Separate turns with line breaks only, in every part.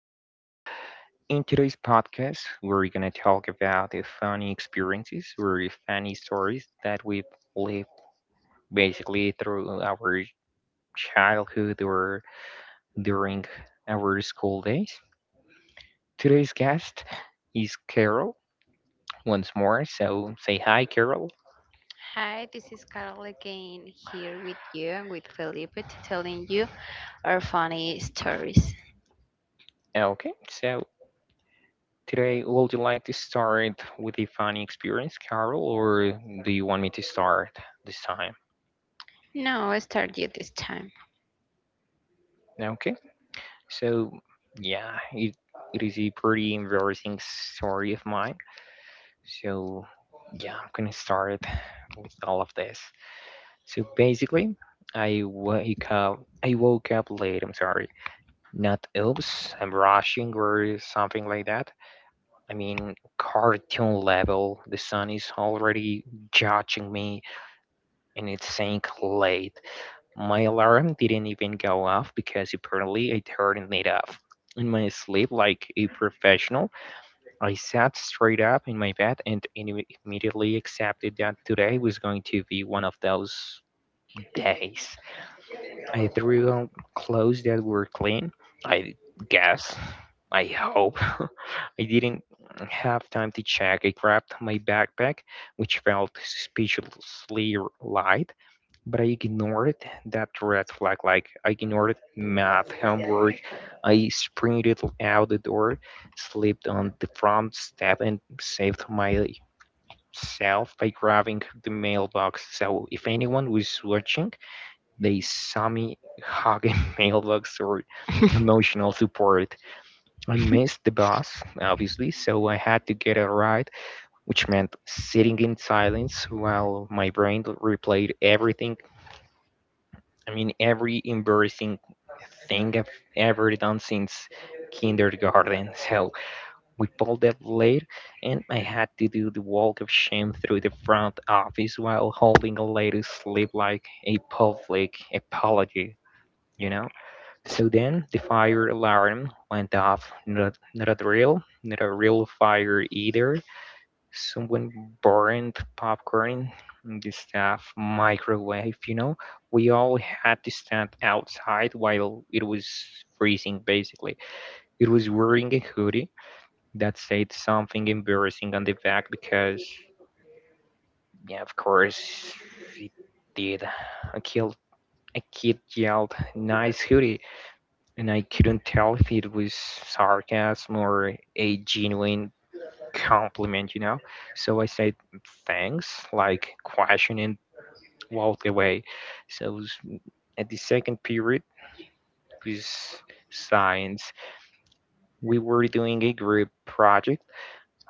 again. In today's podcast, we're gonna talk about the funny experiences or the funny stories that we've lived basically through our childhood or during our school days. Today's guest is Carol once more, so say hi, Carol.
Hi, this is Carol again here with you and with Felipe to telling you our funny stories.
Okay, so today, would you like to start with a funny experience, Carol, or do you want me to start this time?
No, I start you this time.
Okay. So yeah, it, it is a pretty embarrassing story of mine. So yeah, I'm gonna start with all of this. So basically, I wake up. I woke up late. I'm sorry. Not oops. I'm rushing or something like that. I mean, cartoon level. The sun is already judging me, and it's saying late. My alarm didn't even go off because apparently I turned it off. In my sleep, like a professional, I sat straight up in my bed and immediately accepted that today was going to be one of those days. I threw on clothes that were clean. I guess. I hope. I didn't have time to check. I grabbed my backpack, which felt suspiciously light, but I ignored that red flag. Like I ignored math homework. I sprinted out the door, slipped on the front step, and saved myself by grabbing the mailbox. So if anyone was watching, they saw me hug a mailbox or emotional support. I missed the bus, obviously, so I had to get a ride, which meant sitting in silence while my brain replayed everything. I mean, every embarrassing thing I've ever done since kindergarten. So we pulled up late, and I had to do the walk of shame through the front office while holding a lady's sleeve like a public apology. You know. So then the fire alarm went off. Not a drill, not a real fire either. Someone burned popcorn in the staff microwave. We all had to stand outside while it was freezing, basically. It was wearing a hoodie that said something embarrassing on the back because, yeah, of course, it did. A kid, a kid yelled, nice hoodie, and I couldn't tell if it was sarcasm or a genuine compliment. So I said thanks, like questioning walked away. So at the second period with science, we were doing a group project,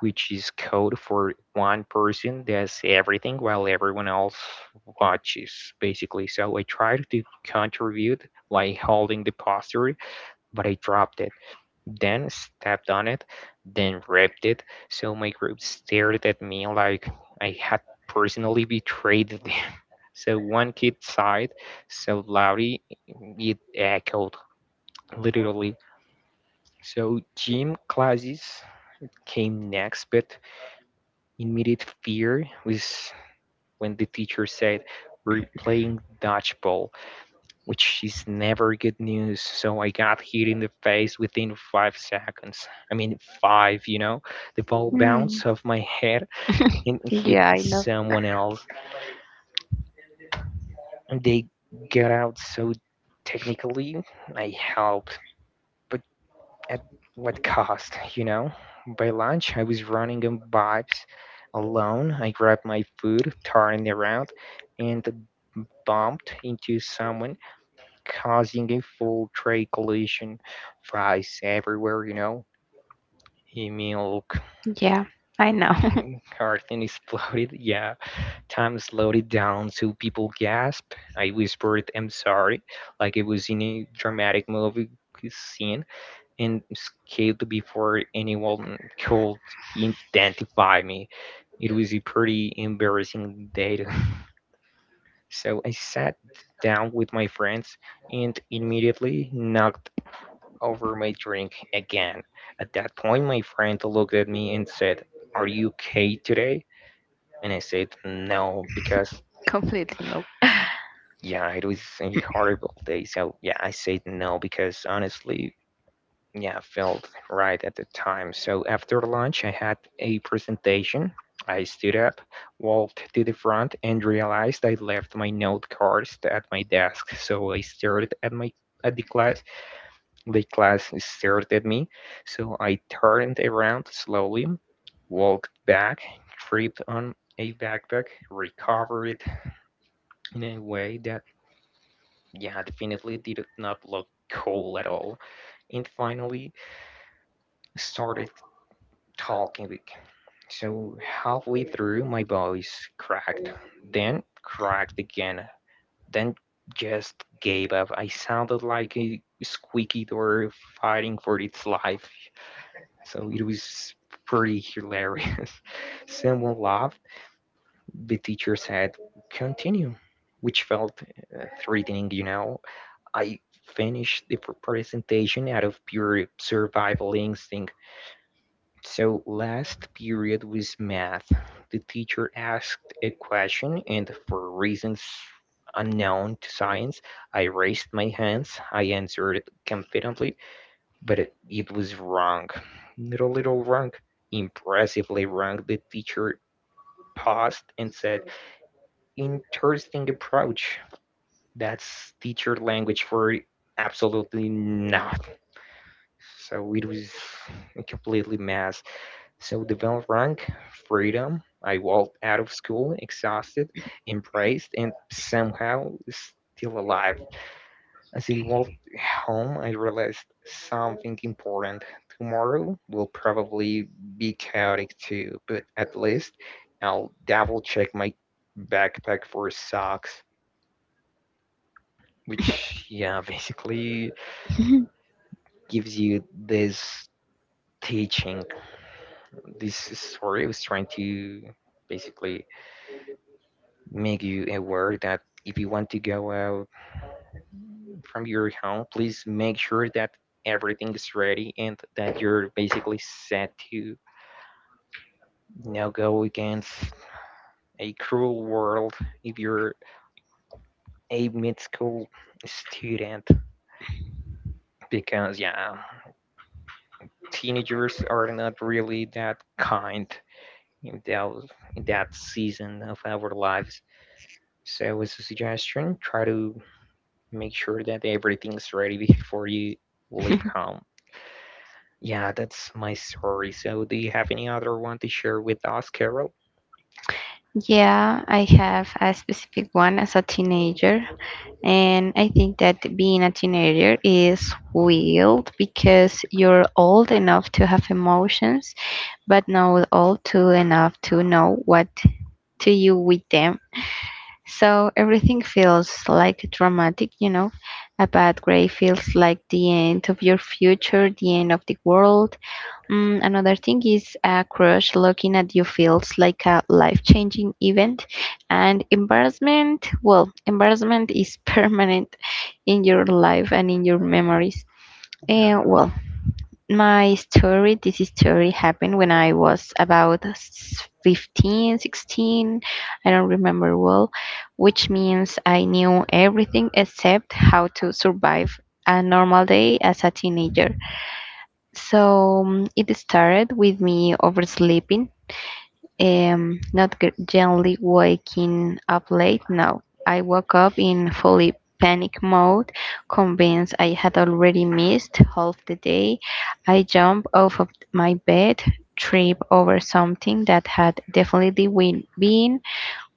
which is code for one person does everything while everyone else watches basically. So I tried to contribute by holding the poster, but I dropped it, then stepped on it, then ripped it. So my group stared at me like I had personally betrayed them. So one kid sighed so loudly it echoed, literally. So gym classes came next, but immediate fear was when the teacher said, we're playing dodgeball, which is never good news. So I got hit in the face within 5 seconds. I mean, five, you know? The ball bounced off my head and hit
Yeah, I know.
someone else. And they got out, so technically, I helped, but at what cost, you know? By lunch, I was running on vibes alone. I grabbed my food, turned around, and bumped into someone, causing a full tray collision. Fries everywhere. Milk,
Yeah, I know.
everything exploded. Yeah, time slowed it down so people gasped. I whispered, I'm sorry, like it was in a dramatic movie scene, and escaped before anyone could identify me. It was a pretty embarrassing date. So I sat down with my friends and immediately knocked over my drink again. At that point, my friend looked at me and said, are you okay today? And I said, no, because
Completely no.
yeah, it was a horrible day. So yeah, I said no because honestly, yeah, I felt right at the time. So after lunch, I had a presentation. I stood up, walked to the front, and realized I left my note cards at my desk. So I stared at my at the class The class stared at me, so I turned around slowly, walked back, tripped on a backpack, recovered it in a way that, yeah, definitely did not look cool at all, and finally started talking. So halfway through, my voice cracked, then cracked again, then just gave up. I sounded like a squeaky door fighting for its life. So it was pretty hilarious. Someone laughed. The teacher said, continue, which felt threatening. I finished the presentation out of pure survival instinct. So last period was math. The teacher asked a question, and for reasons unknown to science, I raised my hands. I answered confidently, but it was wrong. Little wrong. Impressively wrong. The teacher paused and said, interesting approach. That's teacher language for absolutely not. So it was a completely mess. So the bell rang, freedom. I walked out of school exhausted, embraced, and somehow still alive. As I walked home, I realized something important. Tomorrow will probably be chaotic too, but at least I'll double check my backpack for socks, which, yeah, basically gives you this teaching. This story was trying to basically make you aware that if you want to go out from your home, please make sure that everything is ready and that you're basically set to now go against a cruel world if you're a mid school student because yeah, teenagers are not really that kind in that season of our lives. So as a suggestion, try to make sure that everything's ready before you leave home. Yeah, that's my story. So do you have any other one to share with us, Carol?
Yeah, I have a specific one as a teenager, and I think that being a teenager is wild because you're old enough to have emotions, but not old to enough to know what to do with them. So everything feels like dramatic. A bad grade feels like the end of your future, the end of the world. Another thing is a crush looking at you feels like a life changing event. And embarrassment, well, embarrassment is permanent in your life and in your memories.
Yeah,
And well, my story this story happened when I was about 15 16, I don't remember well, which means I knew everything except how to survive a normal day as a teenager. So it started with me oversleeping. Not gently waking up late. No, I woke up in fully panic mode, convinced I had already missed half the day. I jumped off of my bed, tripped over something that had definitely been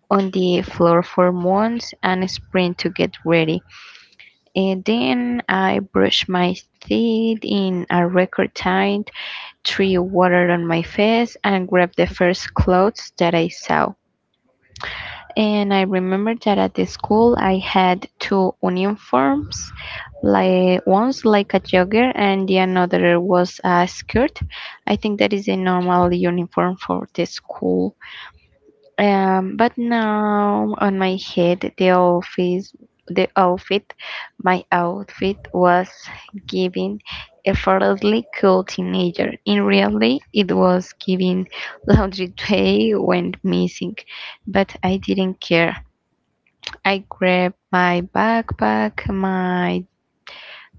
on the floor for months, and sprint to get ready. And then I brushed my teeth in a record time, threw water on my face, and grabbed the first clothes that I saw. And I remember that at the school I had two uniforms, like one's like a jogger and the another was a skirt. I think that is a normal uniform for the school. But now on my head, the office the outfit my outfit was giving effortlessly cool teenager. In reality, it was giving laundry day went missing, but I didn't care. I grabbed my backpack, my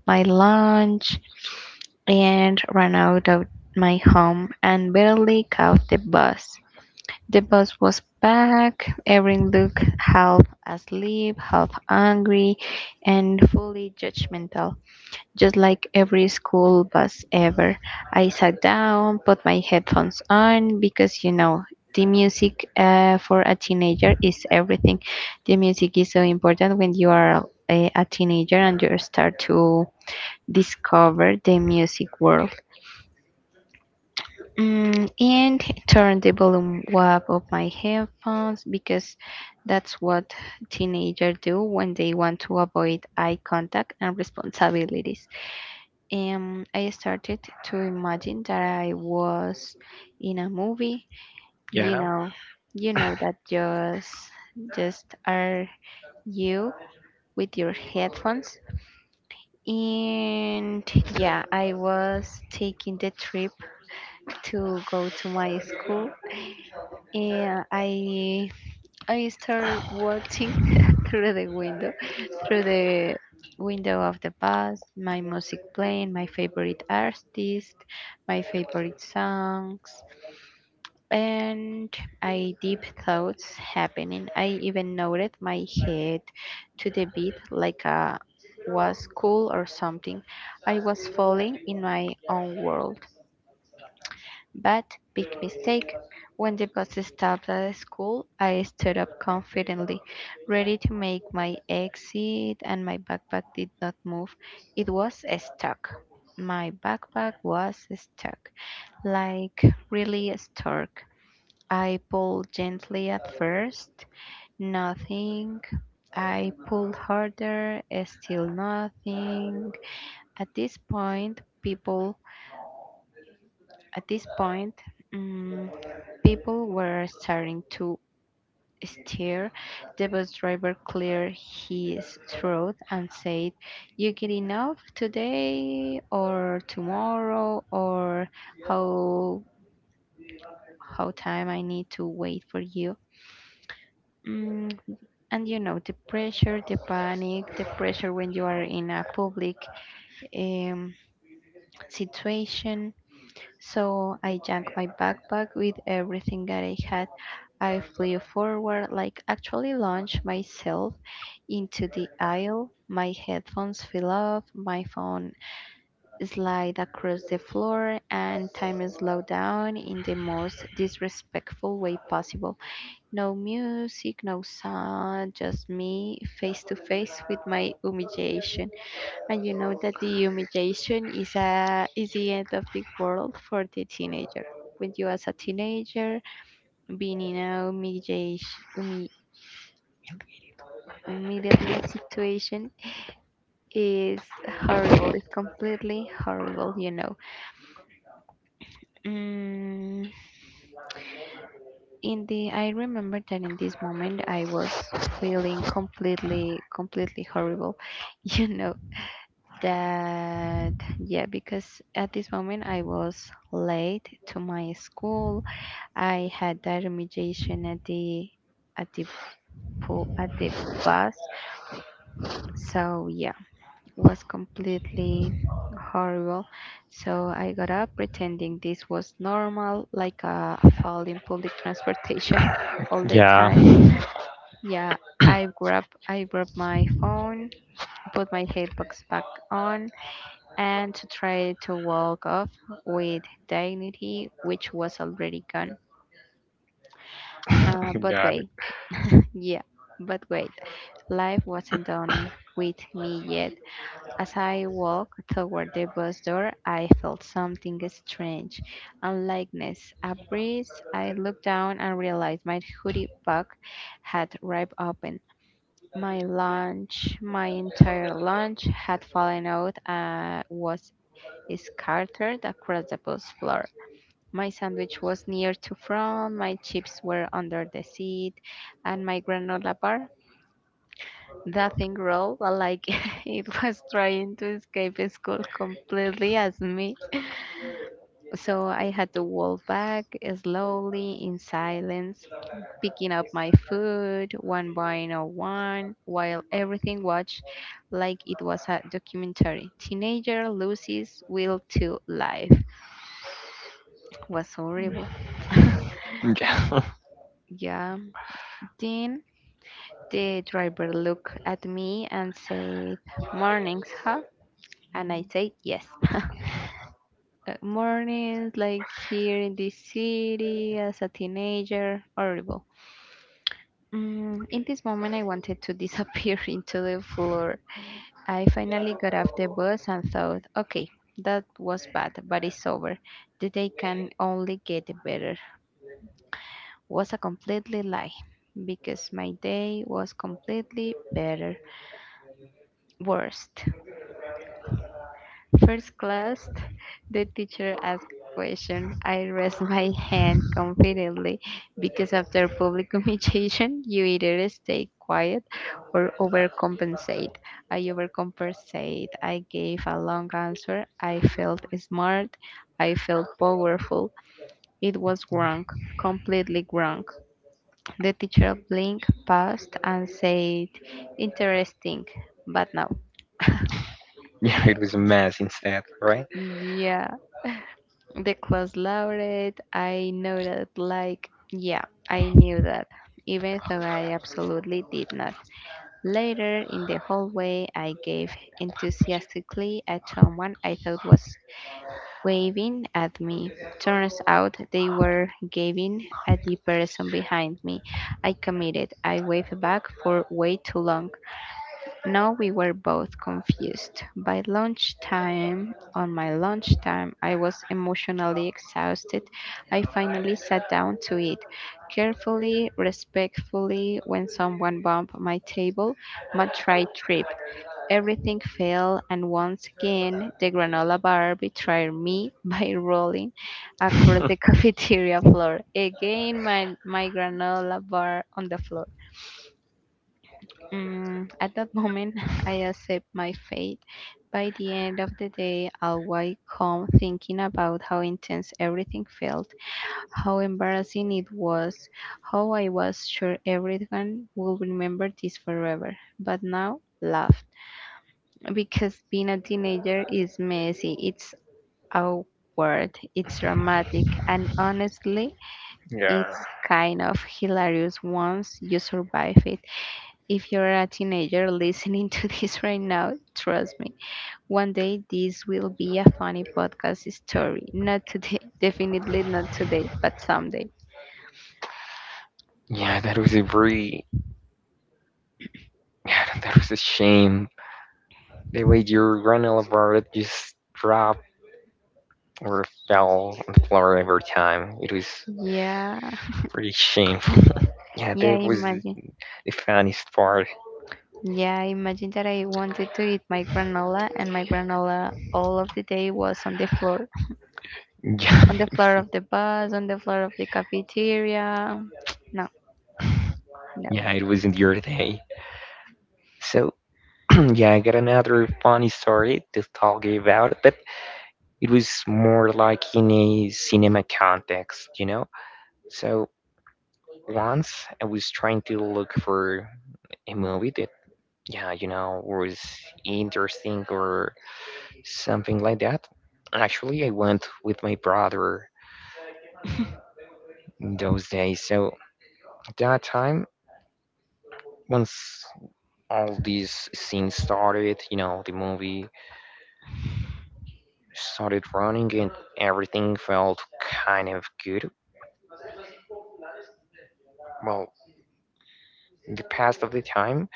my lunch, and ran out of my home and barely caught the bus. The bus was packed. Erin looked half asleep, half angry, and fully judgmental. Just like every school bus ever, I sat down, put my headphones on because you know the music for a teenager is everything. The music is so important when you are a teenager and you start to discover the music world. And turn the volume up of my headphones because that's what teenagers do when they want to avoid eye contact and responsibilities. And I started to imagine that I was in a movie. You
yeah,
know, you know that just are you with your headphones. And yeah, I was taking the trip to go to my school, and I start watching through the window, through the window, of the bus, my music playing, my favorite artist, my favorite songs, and I deep thoughts happening. I even noted my head to the beat like a was cool or something. I was falling in my own world. But, big mistake, when the bus stopped at the school, I stood up confidently, ready to make my exit, and my backpack did not move. It was stuck. My backpack was stuck, like really stuck. I pulled gently at first, nothing. I pulled harder, still nothing. At this point, people, at this point, mm, people were starting to stare. The bus driver cleared his throat and said, "You get enough today or tomorrow or how how time I need to wait for you?" Mm, and you know the pressure, the panic, the pressure when you are in a public um, situation. So I jacked my backpack with everything that I had. I flew forward, like actually launched myself into the aisle. My headphones fell off, my phone slid across the floor, and time slowed down in the most disrespectful way possible. No music, no sound, just me face to face with my humiliation. And you know that the humiliation is the end of the world for the teenager. When you, as a teenager, being in a humiliation, immediately situation is horrible. It's completely horrible. Mm, in the I remember that in this moment I was feeling completely, completely horrible. You know that, yeah, because at this moment I was late to my school. I had that remediation at the at the pool at the bus. So yeah, was completely horrible. So I got up pretending this was normal, like a fall in public transportation all the
yeah.
time. Yeah, I grabbed my phone, put my headphones back on, and to try to walk off with dignity, which was already gone. But
Got it.
wait, yeah, but wait, life wasn't done with me yet. As I walked toward the bus door, I felt something strange, unlikeness, a breeze. I looked down and realized my hoodie bag had ripped open. My lunch, my entire lunch had fallen out and was scattered across the bus floor. My sandwich was near to front, my chips were under the seat, and my granola bar, that thing rolled like it was trying to escape school completely as me. So I had to walk back slowly in silence, picking up my food one by no one while everything watched like it was a documentary. Teenager loses will to life. Was horrible.
Yeah.
Yeah. Then the driver looked at me and said, "Mornings, huh?" And I said, "Yes." Mornings, like here in this city as a teenager. Horrible. In this moment, I wanted to disappear into the floor. I finally got off the bus and thought, okay, that was bad, but it's over. The day can only get better. Was a completely lie because my day was completely better. Worst. First class, the teacher asked a question. I raised my hand confidently because after public communication, you either stay quiet or overcompensate. I overcompensate. I gave a long answer. I felt smart. I felt powerful. It was wrong, completely wrong. The teacher blinked past and said, "Interesting, but no."
Yeah, it was a mess instead, right?
Yeah. The class labored. I know that. Like, yeah, I knew that, even though I absolutely did not. Later in the hallway, I gave enthusiastically at someone I thought was waving at me. Turns out they were giving at the person behind me. I committed. I waved back for way too long. No, we were both confused. On my lunchtime, I was emotionally exhausted. I finally sat down to eat. Carefully, respectfully, when someone bumped my table, my tray tripped. Everything fell, and once again, the granola bar betrayed me by rolling across the cafeteria floor. Again, my granola bar on the floor. At that moment, I accept my fate. By the end of the day, I'll wake home thinking about how intense everything felt, how embarrassing it was, how I was sure everyone will remember this forever. But now, laughed. Because being a teenager is messy, it's awkward, it's dramatic, and honestly,
yeah.
it's kind of hilarious once you survive it. If you're a teenager listening to this right now, trust me, one day this will be a funny podcast story. Not today, definitely not today, but someday.
Yeah, that was a very yeah, that was a shame. The way your granola bar just dropped or fell on the floor every time. It was
Yeah,
pretty shameful. yeah,
yeah,
that was
imagine.
the funniest part.
Yeah, imagine that I wanted to eat my granola, and my granola all of the day was on the floor.
Yeah,
On the
it
floor
was,
of the bus, on the floor of the cafeteria. No, no.
yeah, it wasn't your day. So yeah, I got another funny story to talk about it, but it was more like in a cinema context? So once I was trying to look for a movie that, yeah, was interesting or something like that. Actually, I went with my brother those days. So at that time, once all these scenes started, the movie started running and everything felt kind of good. Well, the past of the time,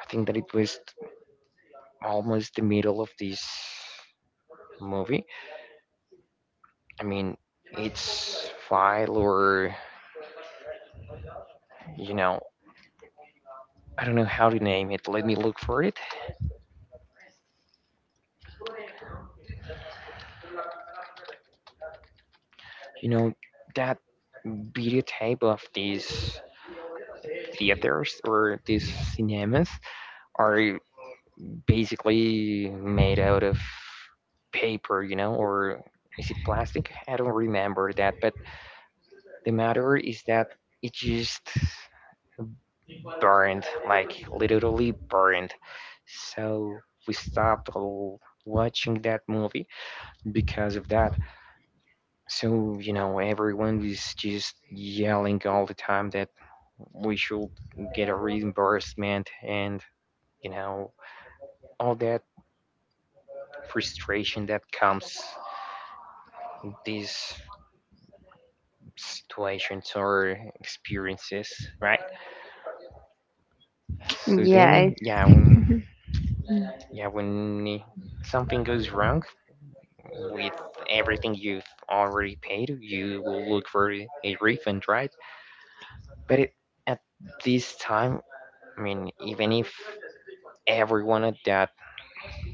I think that it was almost the middle of this movie. I mean, it's file or you know, I don't know how to name it. Let me look for it. You know, that videotape of these theaters or these cinemas are basically made out of paper, or is it plastic? I don't remember that, but the matter is that it just burned, like literally burned. So we stopped watching that movie because of that. So, you know, everyone was just yelling all the time that we should get a reimbursement and, you know, all that frustration that comes these situations or experiences, right? So
Yeah,
then, yeah, yeah, when i- something goes wrong with everything you've already paid, you will look for a refund, right? But at this time, I mean, even if everyone at that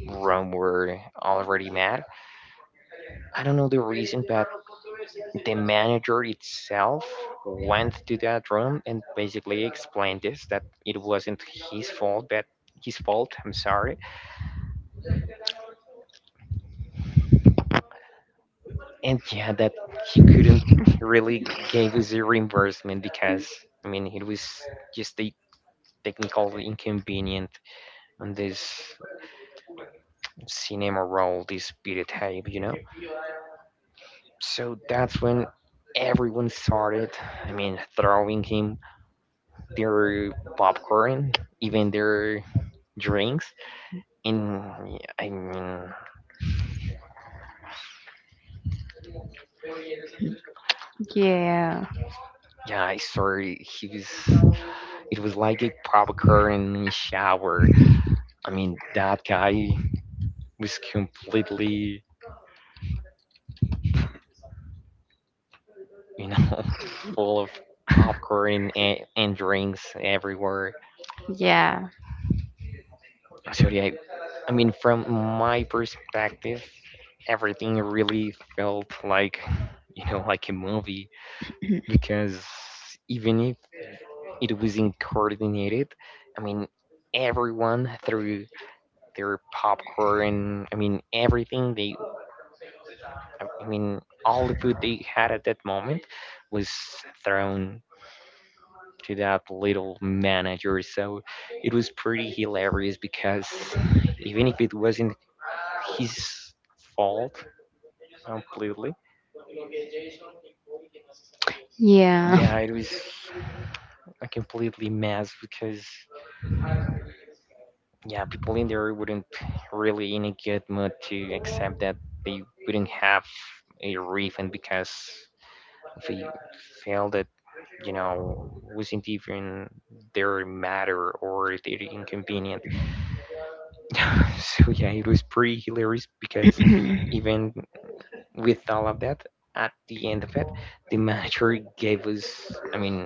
room were already mad. I don't know the reason, but the manager itself went to that room and basically explained this that it wasn't his fault, but his fault. I'm sorry, and yeah, that he couldn't really give us a reimbursement because I mean it was just a technical inconvenient on this cinema roll, this videotape. So that's when everyone started, I mean, throwing him their popcorn, even their drinks. And I mean,
yeah,
yeah, I saw it was like a popcorn shower. I mean, that guy was completely, you know, full of popcorn and drinks everywhere.
yeah.
So yeah, I mean, from my perspective, everything really felt like like a movie because even if it wasn't coordinated, I mean everyone threw their popcorn, I mean everything they, I mean all the food they had at that moment was thrown to that little manager. So it was pretty hilarious because even if it wasn't his fault completely,
Yeah.
yeah, it was a completely mess because yeah, people in there wouldn't really in a good mood to accept that they wouldn't have a refund because they felt that you know wasn't even their matter or their inconvenient. So yeah, it was pretty hilarious because even with all of that, at the end of it, the manager gave us, I mean,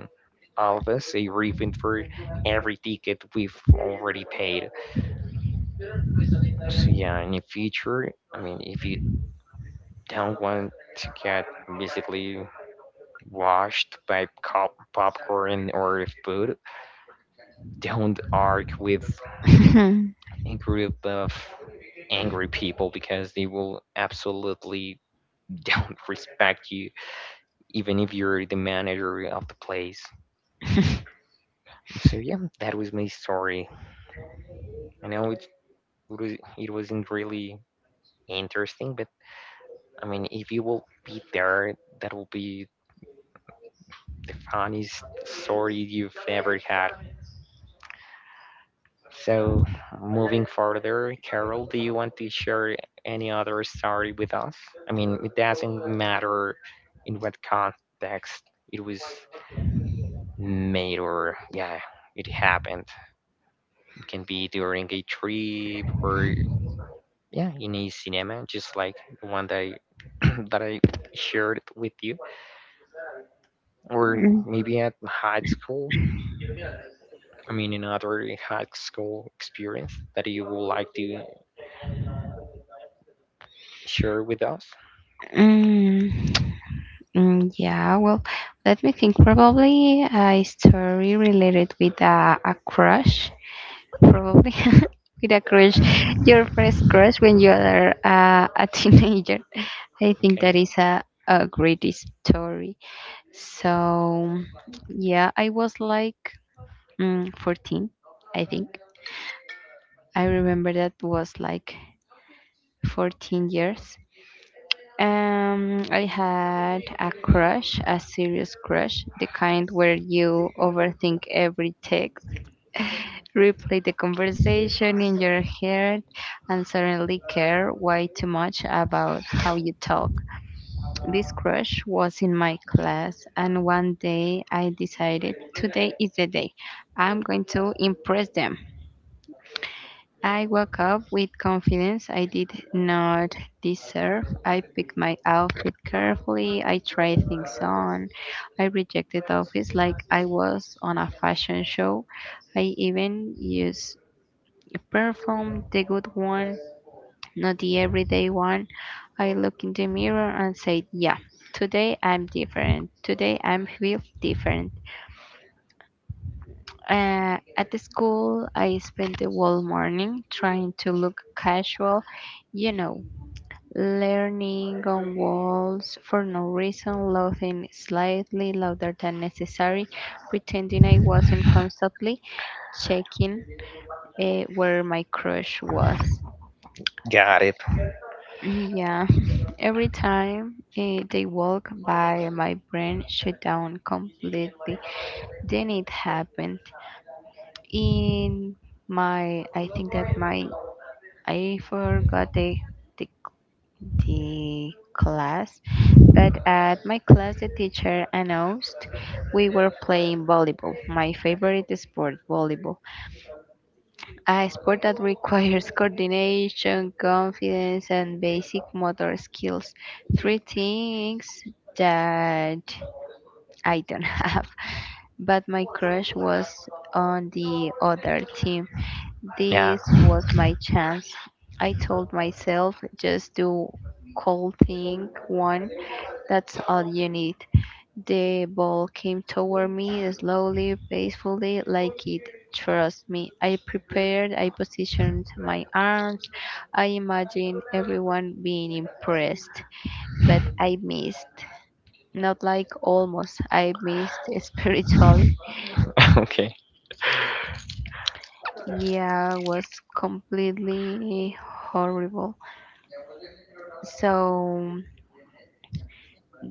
all of us a refund for every ticket we've already paid. So yeah, and in future, I mean, if you don't want to get basically washed by popcorn or food, don't argue with a group of angry people because they will absolutely don't respect you, even if you're the manager of the place. So yeah, that was my story. I know it wasn't really interesting, but I mean, if you will be there, that will be the funniest story you've ever had. So, moving further, Carol, do you want to share any other story with us? I mean, it doesn't matter in what context it was made or, yeah, it happened. It can be during a trip or, yeah, in a cinema, just like the one that I, that I shared with you, or
Mm,
maybe at high school. I mean, another high school experience that you would like to share with us?
mm, yeah, well, let me think. Probably a story related with a crush. Probably with a crush. Your first crush when you are a teenager. I think that
Okay,
is a great story. So, yeah, I was like 14, I think. I remember that was like 14 years. I had a crush, a serious crush, the kind where you overthink every text, replay the conversation in your head, and suddenly care way too much about how you talk. This crush was in my class, and one day I decided today is the day I'm going to impress them. I woke up with confidence I did not deserve. I picked my outfit carefully. I tried things on. I rejected outfits like I was on a fashion show. I even used a perfume, the good one, not the everyday one. I looked in the mirror and said, "Yeah, today I'm different. Today I am feel different." At the school, I spent the whole morning trying to look casual, you know, leaning on walls for no reason, laughing slightly louder than necessary, pretending I wasn't constantly checking where my crush was.
got it.
Yeah, every time, they walk by, my brain shut down completely. Then it happened. In my, I think that my, I forgot the the, the class, but at my class, the teacher announced we were playing volleyball, my favorite sport, volleyball. A sport that requires coordination, confidence, and basic motor skills. Three things that I don't have. But my crush was on the other team.
Yeah.
This was my chance. I told myself just do cold thing one, that's all you need. The ball came toward me, slowly, peacefully, like it trust me. I prepared, I positioned my arms, I imagined everyone being impressed, but I missed. Not like almost, I missed spiritually.
Okay.
Yeah, was completely horrible. So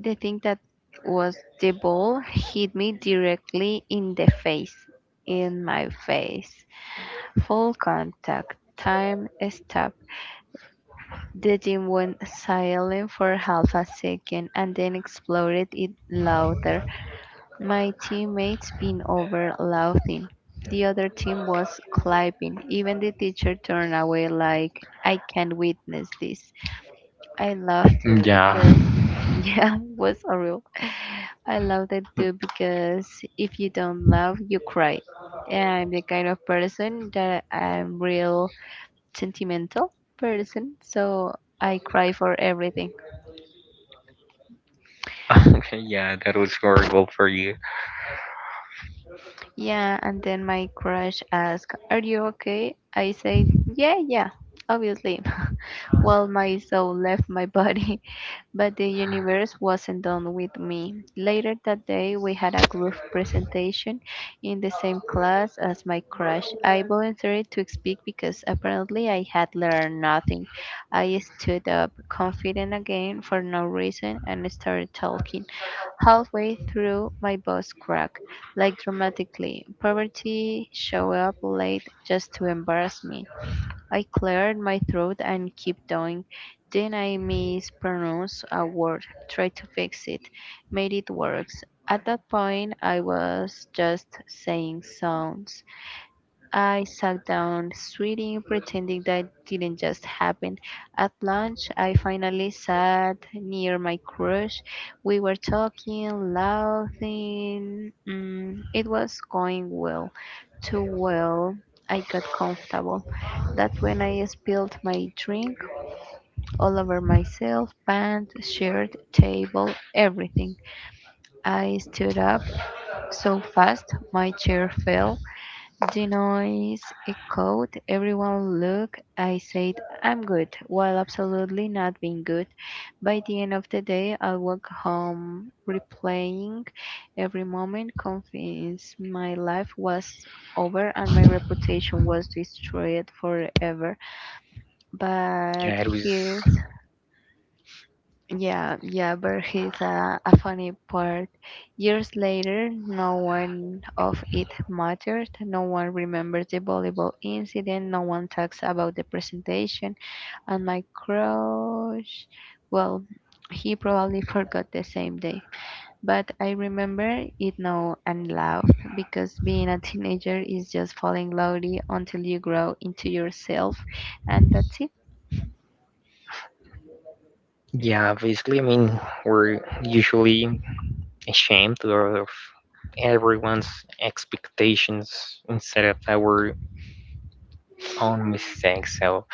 the thing that was the ball hit me directly in the face, in my face. Full contact, time stopped, the team went silent for half a second and then exploded it louder. My teammates been over laughing. The other team was clapping. Even the teacher turned away like I can't witness this. I laughed too
Yeah.
because yeah, it was horrible. I loved it too because if you don't laugh, you cry. And I'm the kind of person that I'm real sentimental person, so I cry for everything.
Okay, yeah, that was horrible for you.
Yeah, and then my crush asked, "Are you okay?" I said, "Yeah, yeah, obviously." Well, my soul left my body, but the universe wasn't done with me. Later that day, we had a group presentation in the same class as my crush. I volunteered to speak because apparently I had learned nothing. I stood up, confident again for no reason, and started talking. Halfway through, my boss cracked, like dramatically. Poverty show up late just to embarrass me. I cleared my throat and keep going. Then I mispronounced a word, tried to fix it, made it worse. At that point, I was just saying sounds. I sat down, sweating, pretending that didn't just happen. At lunch, I finally sat near my crush. We were talking, laughing. It was going well, too well. I got comfortable. That's when I spilled my drink all over myself, pants, shirt, table, everything. I stood up so fast, my chair fell. The noise echoed. Everyone looked. I said, "I'm good," while absolutely not being good. By the end of the day, I walked home replaying every moment, convinced my life was over and my reputation was destroyed forever. But
Yeah, it
here's
was.
yeah, yeah, but he's a funny part. Years later, no one of it mattered. No one remembers the volleyball incident. No one talks about the presentation. And my crush, well, he probably forgot the same day. But I remember it now and laughed because being a teenager is just falling slowly until you grow into yourself, and that's it.
Yeah, basically, I mean, we're usually ashamed of everyone's expectations instead of our own mistakes. So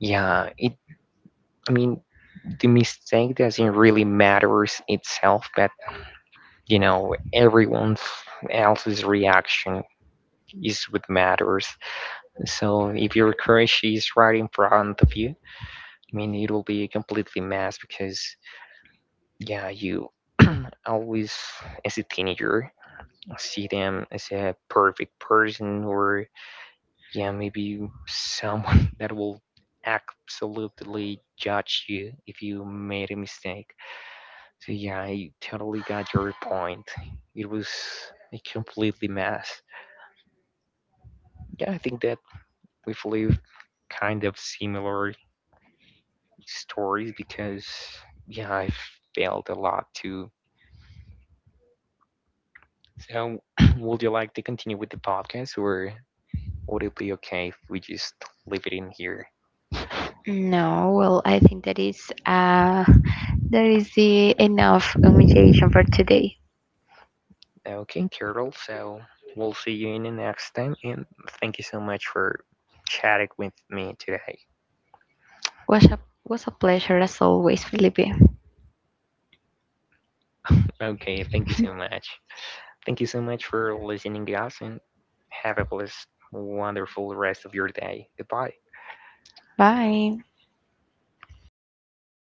yeah, it. I mean, the mistake doesn't really matters itself, but you know, everyone else's reaction is what matters. So if your crush is right in front of you, I mean, it will be a completely mess because yeah, you always as a teenager see them as a perfect person or yeah, maybe someone that will absolutely judge you if you made a mistake. So yeah, I totally got your point. It was a completely mess. Yeah, I think that we've lived kind of similar stories because yeah, I've failed a lot too. So would you like to continue with the podcast or would it be okay if we just leave it in here?
No, well, I think that is uh that is the enough humiliation for today.
Okay, Carol. So we'll see you in the next time, and thank you so much for chatting with me today.
Was a was a pleasure as always, Felipe.
Okay, thank you so much. Thank you so much for listening, guys, and have a blessed, wonderful rest of your day. Goodbye.
Bye.